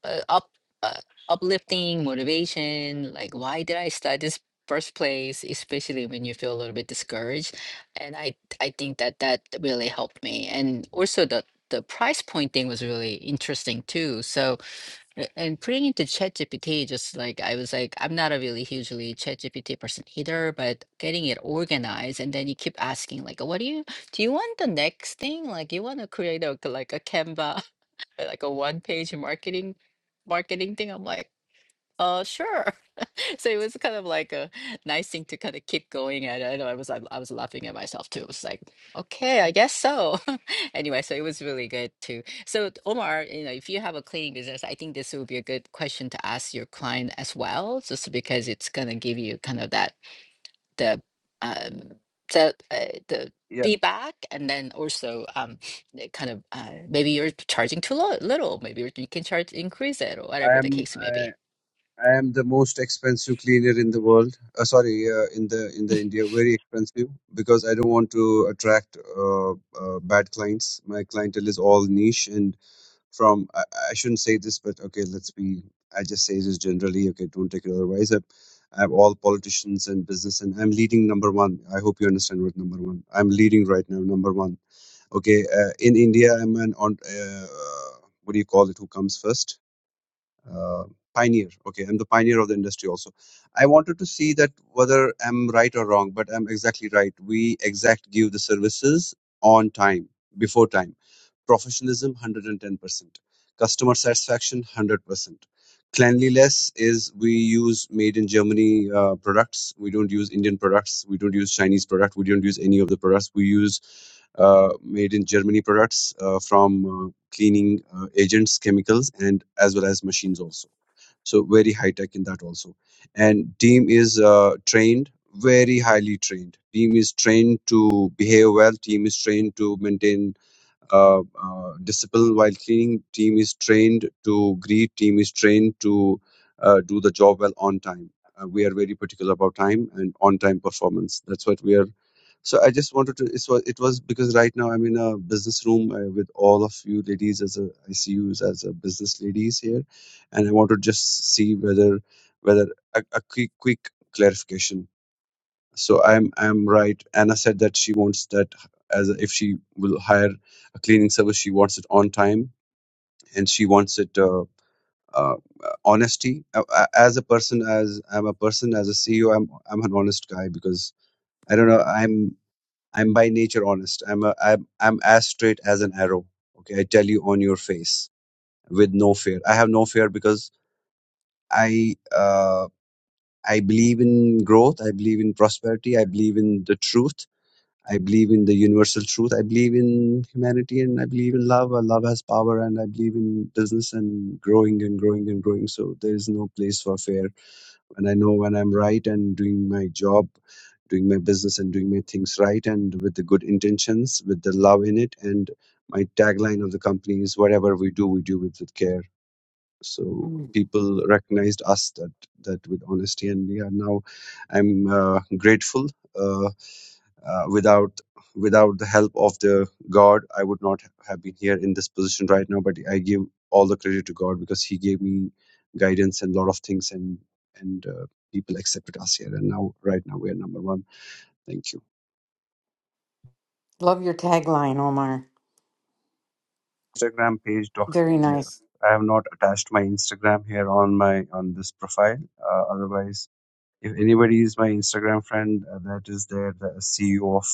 Speaker 3: uh, up, uh, uplifting motivation. Like, why did I start this first place? Especially when you feel a little bit discouraged, and I I think that that really helped me, and also the the price point thing was really interesting too. So a- And putting into ChatGPT, just like I was like, I'm not a really hugely ChatGPT person either, but getting it organized and then you keep asking like, what do you do you want the next thing? Like you want to create a like a Canva, like a one page marketing marketing thing. I'm like, uh, sure. So it was kind of like a nice thing to kind of keep going at. I know I was I, I was laughing at myself too. It was like, okay, I guess so. Anyway, so it was really good too. So Omar, you know, if you have a cleaning business, I think this would be a good question to ask your client as well, just because it's gonna give you kind of that the um the uh, the
Speaker 5: Yeah,
Speaker 3: feedback and then also um the kind of uh, maybe you're charging too lo little, maybe you can charge increase it or
Speaker 5: I
Speaker 3: whatever the
Speaker 5: am.
Speaker 3: case may
Speaker 5: I
Speaker 3: be.
Speaker 5: I am the most expensive cleaner in the world. Uh, sorry, uh, in the in the India, very expensive because I don't want to attract uh, uh, bad clients. My clientele is all niche and from I, I shouldn't say this, but okay, let's be. I just say this generally. Okay, don't take it otherwise. I, I have all politicians and business, and I'm leading number one. I hope you understand what number one. I'm leading right now, number one. Okay, uh, in India, I'm an on. Uh, what do you call it? Who comes first? uh, pioneer okay i'm the pioneer of the industry also i wanted to see that whether i'm right or wrong but i'm exactly right we exact give the services on time before time professionalism 110% customer satisfaction 100% cleanliness is we use made in germany uh, products we don't use indian products we don't use chinese product we don't use any of the products we use uh, made in germany products uh, from uh, cleaning uh, agents chemicals and as well as machines also so very high tech in that also and team is uh, trained very highly trained team is trained to behave well team is trained to maintain uh, uh, disciple while cleaning team is trained to greet team is trained to uh, do the job well on time uh, we are very particular about time and on time performance that's what we are so i just wanted to it was, it was because right now i'm in a business room uh, with all of you ladies as a i see you as a business ladies here and i want to just see whether whether a, a quick quick clarification so i'm i'm right anna said that she wants that as a, if she will hire a cleaning service she wants it on time and she wants it uh, uh, honesty Uh, uh, as a person as i'm a person as a ceo i'm i'm an honest guy because i don't know i'm i'm by nature honest i'm a, i'm i'm as straight as an arrow okay i tell you on your face with no fear i have no fear because i uh, i believe in growth i believe in prosperity i believe in the truth I believe in the universal truth. I believe in humanity and I believe in love. Uh, Love has power and I believe in business and growing and growing and growing. So there is no place for fear. And I know when I'm right and doing my job, doing my business and doing my things right and with the good intentions, with the love in it. And my tagline of the company is whatever we do, we do it with care. So
Speaker 1: Mm.
Speaker 5: people recognized us that that with honesty, and we are now. I'm uh, grateful Uh, uh, without without the help of the god i would not have been here in this position right now but i give all the credit to god because he gave me guidance and a lot of things and and uh, people accepted us here and now right now we are number one thank you
Speaker 1: Love your tagline, Omar.
Speaker 5: instagram page
Speaker 1: Very
Speaker 5: dr
Speaker 1: nice.
Speaker 5: i have not attached my instagram here on my on this profile uh, otherwise if anybody is my instagram friend uh, that is there the ceo of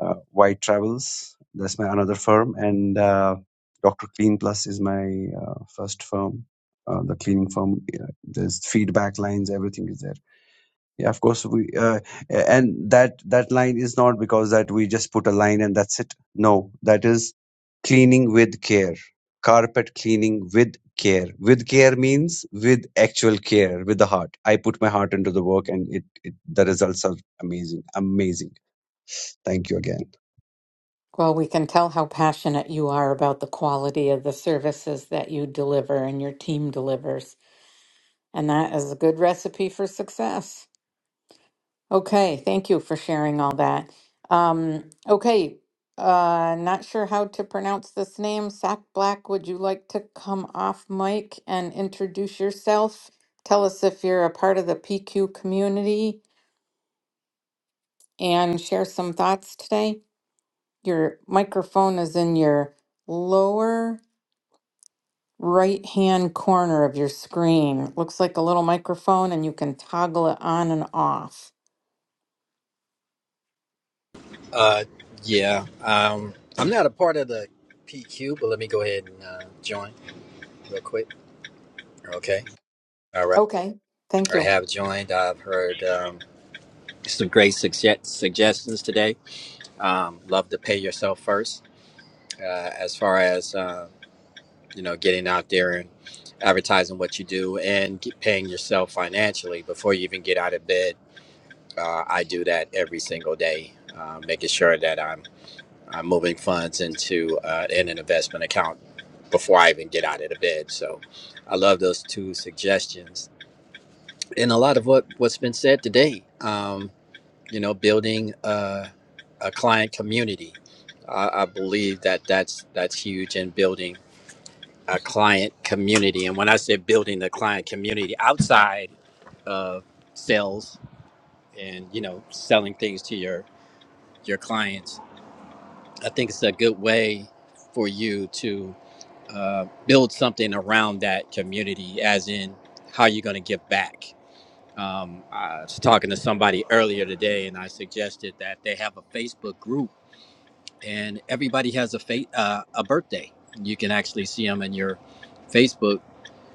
Speaker 5: uh, White Travels. That's my another firm, and uh, Doctor Clean Plus is my uh, first firm, uh, the cleaning firm. Yeah, There's feedback lines, everything is there. Yeah, of course we, uh, and that that line is not because that we just put a line and that's it. No, that is cleaning with care, carpet cleaning with care. With care means with actual care, with the heart. I put my heart into the work, and it, it the results are amazing, amazing. Thank you again.
Speaker 1: Well, we can tell how passionate you are about the quality of the services that you deliver and your team delivers. And that is a good recipe for success. Okay, thank you for sharing all that. Um, okay, uh, not sure how to pronounce this name. Sack Black, would you like to come off mic and introduce yourself? Tell us if you're a part of the PQ community and share some thoughts today. Your microphone is in your lower right-hand corner of your screen. It Looks like a little microphone and you can toggle it on and off.
Speaker 6: Uh, yeah. Um, I'm not a part of the PQ, but let me go ahead and uh, join real quick. Okay. All right.
Speaker 1: Okay. Thank
Speaker 6: I
Speaker 1: you.
Speaker 6: have joined. I've heard um, some great sugge- suggestions today. Um, love to pay yourself first. Uh, as far as uh, you know, getting out there and advertising what you do and get paying yourself financially before you even get out of bed. Uh, I do that every single day, uh, making sure that I'm uh, moving funds into uh, in an investment account before I even get out of the bed. So I love those two suggestions. And a lot of what, what's been said today, um, you know, building uh, a client community. I, I believe that that's, that's huge in building a client community. And when I say building the client community outside of sales and, you know, selling things to your, your clients, I think it's a good way for you to uh, build something around that community, as in how you're going to give back. Um, I was talking to somebody earlier today, and I suggested that they have a Facebook group, and everybody has a fa- uh, a birthday. You can actually see them in your Facebook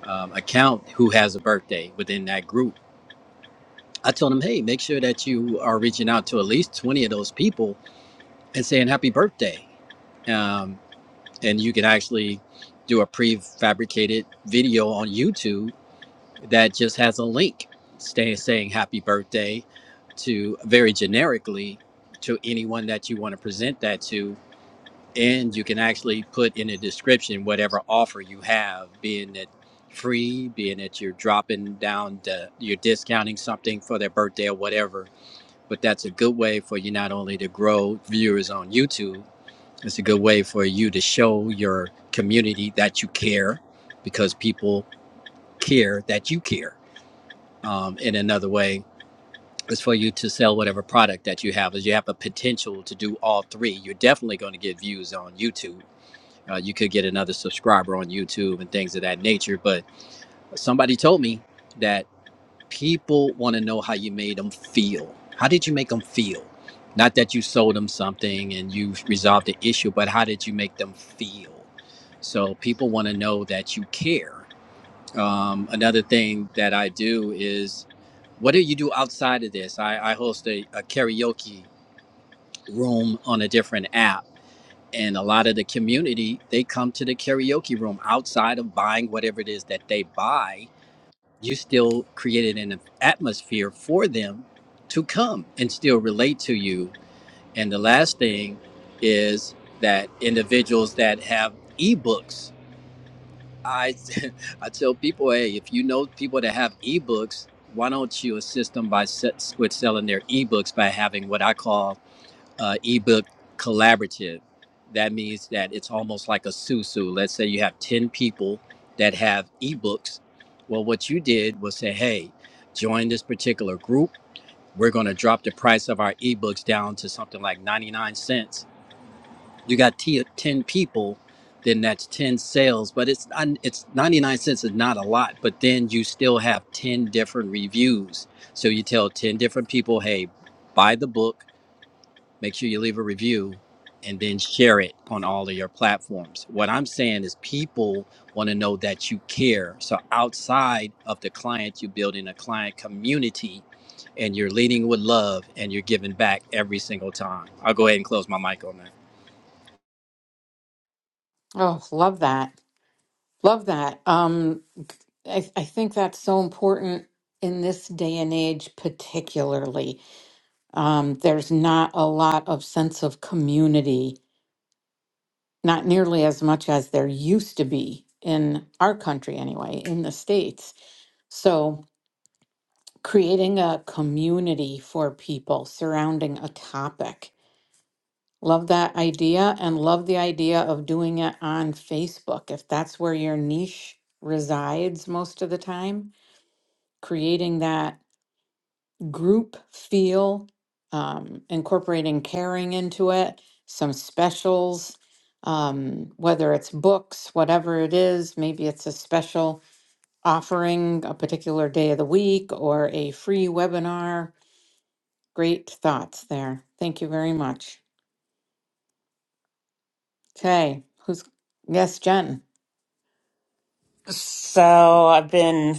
Speaker 6: um, account who has a birthday within that group. I told them, hey, make sure that you are reaching out to at least 20 of those people and saying happy birthday Um, and you can actually do a prefabricated video on YouTube that just has a link stay, saying happy birthday to very generically to anyone that you want to present that to. And you can actually put in the description whatever offer you have, being it free, being that you're dropping down, the, you're discounting something for their birthday or whatever. But that's a good way for you not only to grow viewers on YouTube, it's a good way for you to show your community that you care because people care that you care. Um, in another way, is for you to sell whatever product that you have. Is you have a potential to do all three. You're definitely going to get views on YouTube. Uh, you could get another subscriber on YouTube and things of that nature. But somebody told me that people want to know how you made them feel. How did you make them feel? Not that you sold them something and you resolved the issue, but how did you make them feel? So people want to know that you care. Um, another thing that I do is what do you do outside of this? I, I host a, a karaoke room on a different app. And a lot of the community, they come to the karaoke room outside of buying whatever it is that they buy you still created an atmosphere for them to come and still relate to you. And the last thing is that individuals that have ebooks, I I tell people, hey, if you know people that have ebooks, why don't you assist them by se- with selling their ebooks by having what I call uh, ebook collaborative. That means that it's almost like a susu. Let's say you have 10 people that have ebooks. Well, what you did was say, hey, join this particular group. We're going to drop the price of our ebooks down to something like 99 cents. You got t- 10 people, then that's 10 sales, but it's not, it's 99 cents is not a lot, but then you still have 10 different reviews. So you tell 10 different people, hey, buy the book make sure you leave a review and then share it on all of your platforms. What I'm saying is people want to know that you care. So outside of the client, you're building a client community and you're leading with love and you're giving back every single time. I'll go ahead and close my mic on that.
Speaker 1: Oh, love that. Love that. Um, I, I think that's so important in this day and age, particularly. Um, there's not a lot of sense of community, not nearly as much as there used to be in our country, anyway, in the States. So, creating a community for people surrounding a topic Love that idea and love the idea of doing it on Facebook. If that's where your niche resides most of the time, creating that group feel, um, incorporating caring into it, some specials, um, whether it's books, whatever it is, maybe it's a special offering a particular day of the week or a free webinar. Great thoughts there. Thank you very much. Okay, who's, yes, Jen.
Speaker 2: So I've been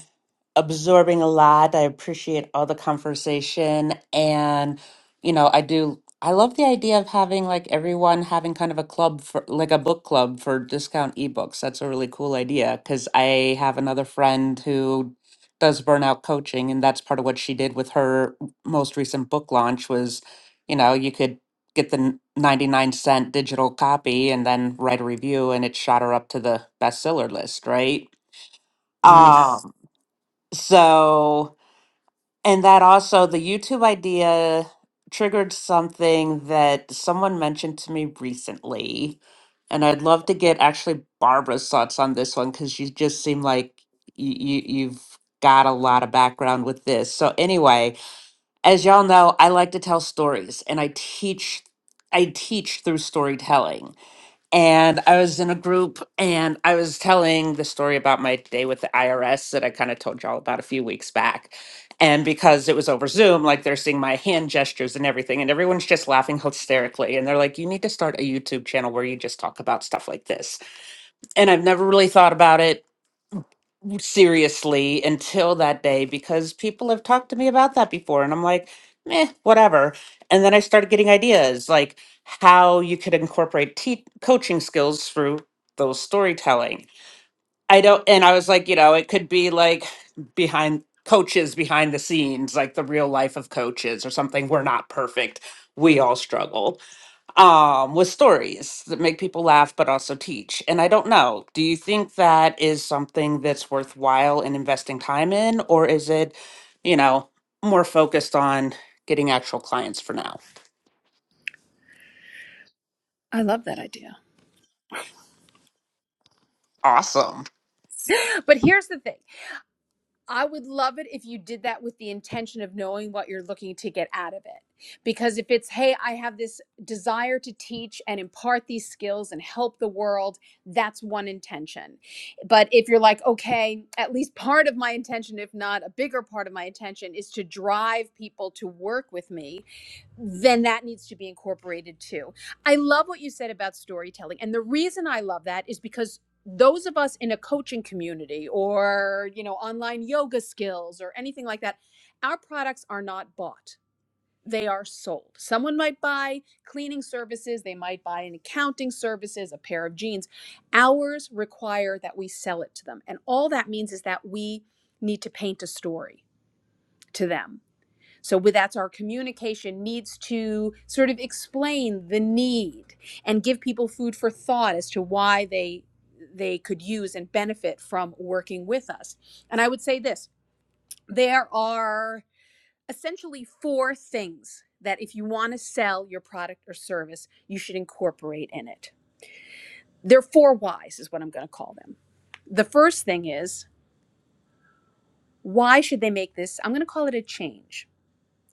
Speaker 2: absorbing a lot. I appreciate all the conversation. And, you know, I do, I love the idea of having like everyone having kind of a club for like a book club for discount ebooks. That's a really cool idea because I have another friend who does burnout coaching, and that's part of what she did with her most recent book launch was, you know, you could get the n- 99 cent digital copy and then write a review and it shot her up to the bestseller list, right?
Speaker 1: Nice.
Speaker 2: Um, so and that also, the YouTube idea triggered something that someone mentioned to me recently. And I'd love to get actually Barbara's thoughts on this one because you just seem like you, you, you've got a lot of background with this. So, anyway, as y'all know, I like to tell stories and I teach. I teach through storytelling and I was in a group and I was telling the story about my day with the IRS that I kind of told y'all about a few weeks back. And because it was over Zoom, like they're seeing my hand gestures and everything, and everyone's just laughing hysterically. And they're like, you need to start a YouTube channel where you just talk about stuff like this. And I've never really thought about it seriously until that day because people have talked to me about that before and I'm like, meh, whatever. And then I started getting ideas like how you could incorporate te- coaching skills through those storytelling. I don't, and I was like, you know, it could be like behind coaches behind the scenes, like the real life of coaches or something. We're not perfect. We all struggle um, with stories that make people laugh but also teach. And I don't know, do you think that is something that's worthwhile in investing time in, or is it, you know, more focused on getting actual clients for now?
Speaker 4: I love that idea.
Speaker 2: Awesome.
Speaker 4: But here's the thing. I would love it if you did that with the intention of knowing what you're looking to get out of it. Because if it's, hey, I have this desire to teach and impart these skills and help the world, that's one intention. But if you're like, okay, at least part of my intention, if not a bigger part of my intention, is to drive people to work with me, then that needs to be incorporated too. I love what you said about storytelling. And the reason I love that is because those of us in a coaching community or, you know, online yoga skills or anything like that, our products are not bought. They are sold. Someone might buy cleaning services, they might buy an accounting services, a pair of jeans. Ours require that we sell it to them. And all that means is that we need to paint a story to them so with that's our communication needs to sort of explain the need and give people food for thought as to why they they could use and benefit from working with us. And I would say this, there are essentially four things that if you want to sell your product or service, you should incorporate in it. They're four whys is what I'm going to call them. The first thing is why should they make this? I'm going to call it a change.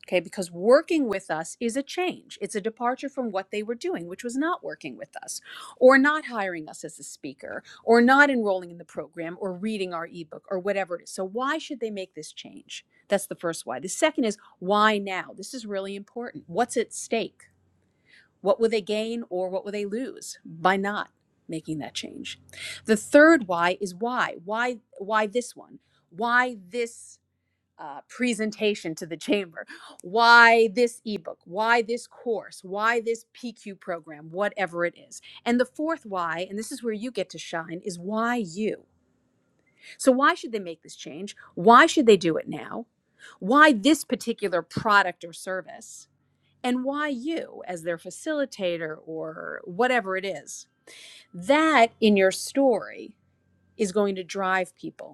Speaker 4: Okay, because working with us is a change. It's a departure from what they were doing, which was not working with us, or not hiring us as a speaker, or not enrolling in the program, or reading our ebook, or whatever it is. So, why should they make this change? That's the first why. The second is why now? This is really important. What's at stake? What will they gain, or what will they lose by not making that change? The third why is why? Why? Why this one? Why this? uh, presentation to the chamber why this ebook why this course why this pq program whatever it is and the fourth why and this is where you get to shine is why you so why should they make this change why should they do it now why this particular product or service and why you as their facilitator or whatever it is that in your story is going to drive people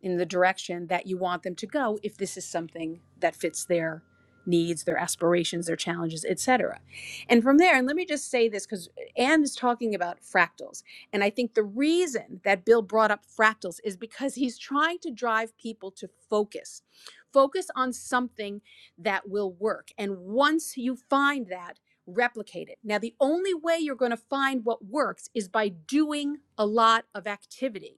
Speaker 4: in the direction that you want them to go if this is something that fits their needs, their aspirations, their challenges, etc. And from there, and let me just say this because Anne is talking about fractals. And I think the reason that Bill brought up fractals is because he's trying to drive people to focus. Focus on something that will work. And once you find that, replicate it. Now, the only way you're going to find what works is by doing a lot of activity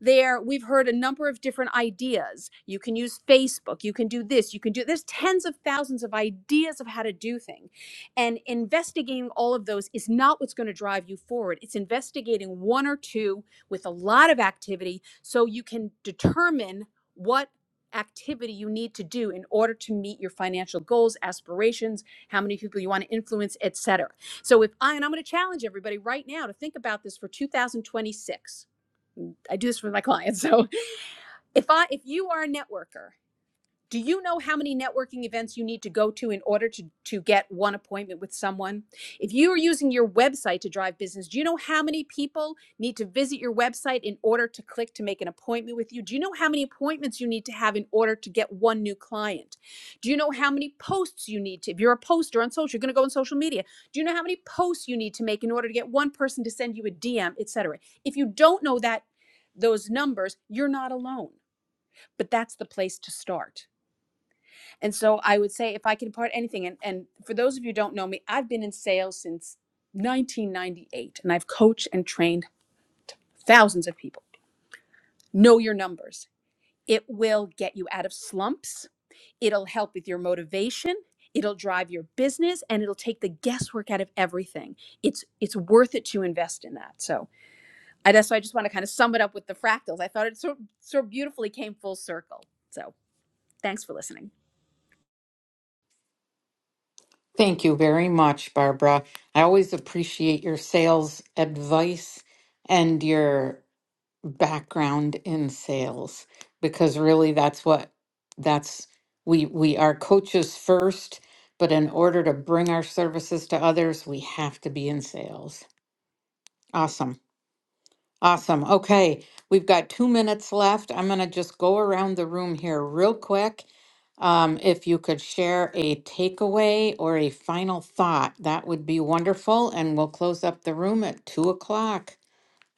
Speaker 4: there we've heard a number of different ideas you can use facebook you can do this you can do there's tens of thousands of ideas of how to do things and investigating all of those is not what's going to drive you forward it's investigating one or two with a lot of activity so you can determine what activity you need to do in order to meet your financial goals aspirations how many people you want to influence etc so if i and i'm going to challenge everybody right now to think about this for 2026 I do this for my clients. So if I if you are a networker do you know how many networking events you need to go to in order to, to get one appointment with someone? If you are using your website to drive business, do you know how many people need to visit your website in order to click to make an appointment with you? Do you know how many appointments you need to have in order to get one new client? Do you know how many posts you need to, if you're a poster on social, you're going to go on social media. Do you know how many posts you need to make in order to get one person to send you a DM, et cetera? If you don't know that, those numbers, you're not alone, but that's the place to start. And so I would say if I could impart anything, and, and for those of you who don't know me, I've been in sales since 1998 and I've coached and trained thousands of people. Know your numbers. It will get you out of slumps. It'll help with your motivation. It'll drive your business and it'll take the guesswork out of everything. It's it's worth it to invest in that. So I that's why I just want to kind of sum it up with the fractals. I thought it so so beautifully came full circle. So thanks for listening.
Speaker 1: Thank you very much, Barbara. I always appreciate your sales advice and your background in sales because really that's what that's we we are coaches first, but in order to bring our services to others, we have to be in sales. Awesome. Awesome. Okay, we've got two minutes left. I'm going to just go around the room here real quick. Um, if you could share a takeaway or a final thought, that would be wonderful. And we'll close up the room at two o'clock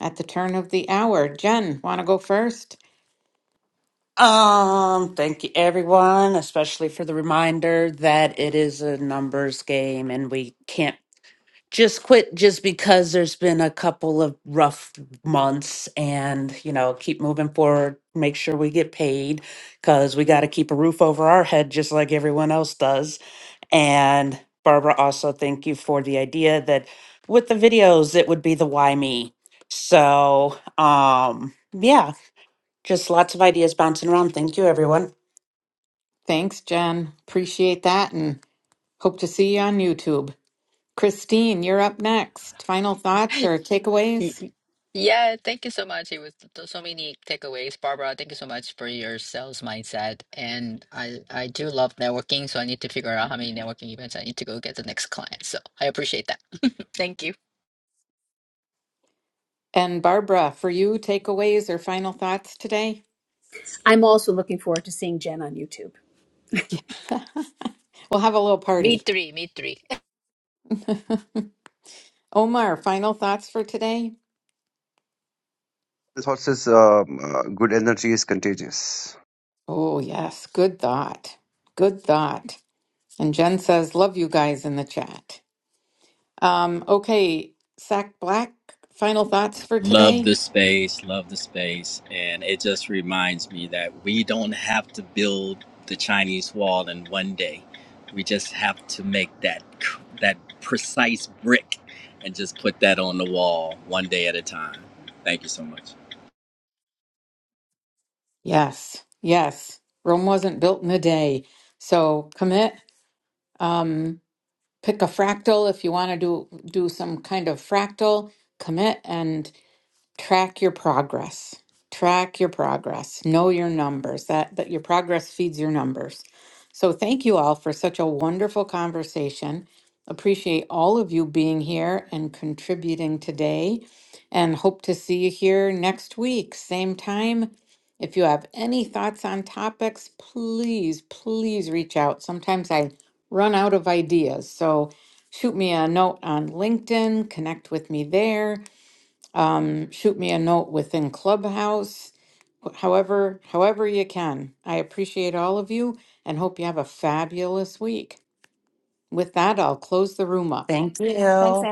Speaker 1: at the turn of the hour. Jen, want to go first?
Speaker 2: Um, thank you everyone, especially for the reminder that it is a numbers game and we can't just quit just because there's been a couple of rough months and you know keep moving forward make sure we get paid because we got to keep a roof over our head just like everyone else does and barbara also thank you for the idea that with the videos it would be the why me so um yeah just lots of ideas bouncing around thank you everyone
Speaker 1: Thanks, Jen. Appreciate that and hope to see you on YouTube. Christine, you're up next. Final thoughts or
Speaker 3: Y-
Speaker 1: takeaways?
Speaker 3: y- Yeah, thank you so much. It was th- th- so many takeaways, Barbara. Thank you so much for your sales mindset. And I I do love networking, so I need to figure out how many networking events I need to go get the next client. So I appreciate that. Thank you.
Speaker 1: And Barbara, for you, takeaways or final thoughts today?
Speaker 4: I'm also looking forward to seeing Jen on YouTube.
Speaker 1: We'll have a little
Speaker 3: Me
Speaker 1: party.
Speaker 3: three, me three.
Speaker 1: Omar, final thoughts for today?
Speaker 5: This horse's um, uh, good energy is contagious.
Speaker 1: Oh, yes. Good thought. Good thought. And Jen says, love you guys in the chat. Um, okay, Sack Black, final thoughts for
Speaker 6: Love
Speaker 1: today?
Speaker 6: the space, love the space. And it just reminds me that we don't have to build the Chinese wall in one day. We just have to make that c- that precise brick and just put that on the wall one day at a time. Thank you so much.
Speaker 1: Yes, yes. Rome wasn't built in a day. So commit, um, pick a fractal if you want to do do some kind of fractal, commit and track your progress track your progress know your numbers that that your progress feeds your numbers so thank you all for such a wonderful conversation appreciate all of you being here and contributing today and hope to see you here next week same time if you have any thoughts on topics please please reach out sometimes i run out of ideas so shoot me a note on linkedin connect with me there um, shoot me a note within Clubhouse, however, however you can. I appreciate all of you and hope you have a fabulous week. With that, I'll close the room up.
Speaker 2: thank you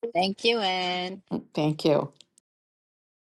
Speaker 3: Thank you, Anne.
Speaker 1: Thank you.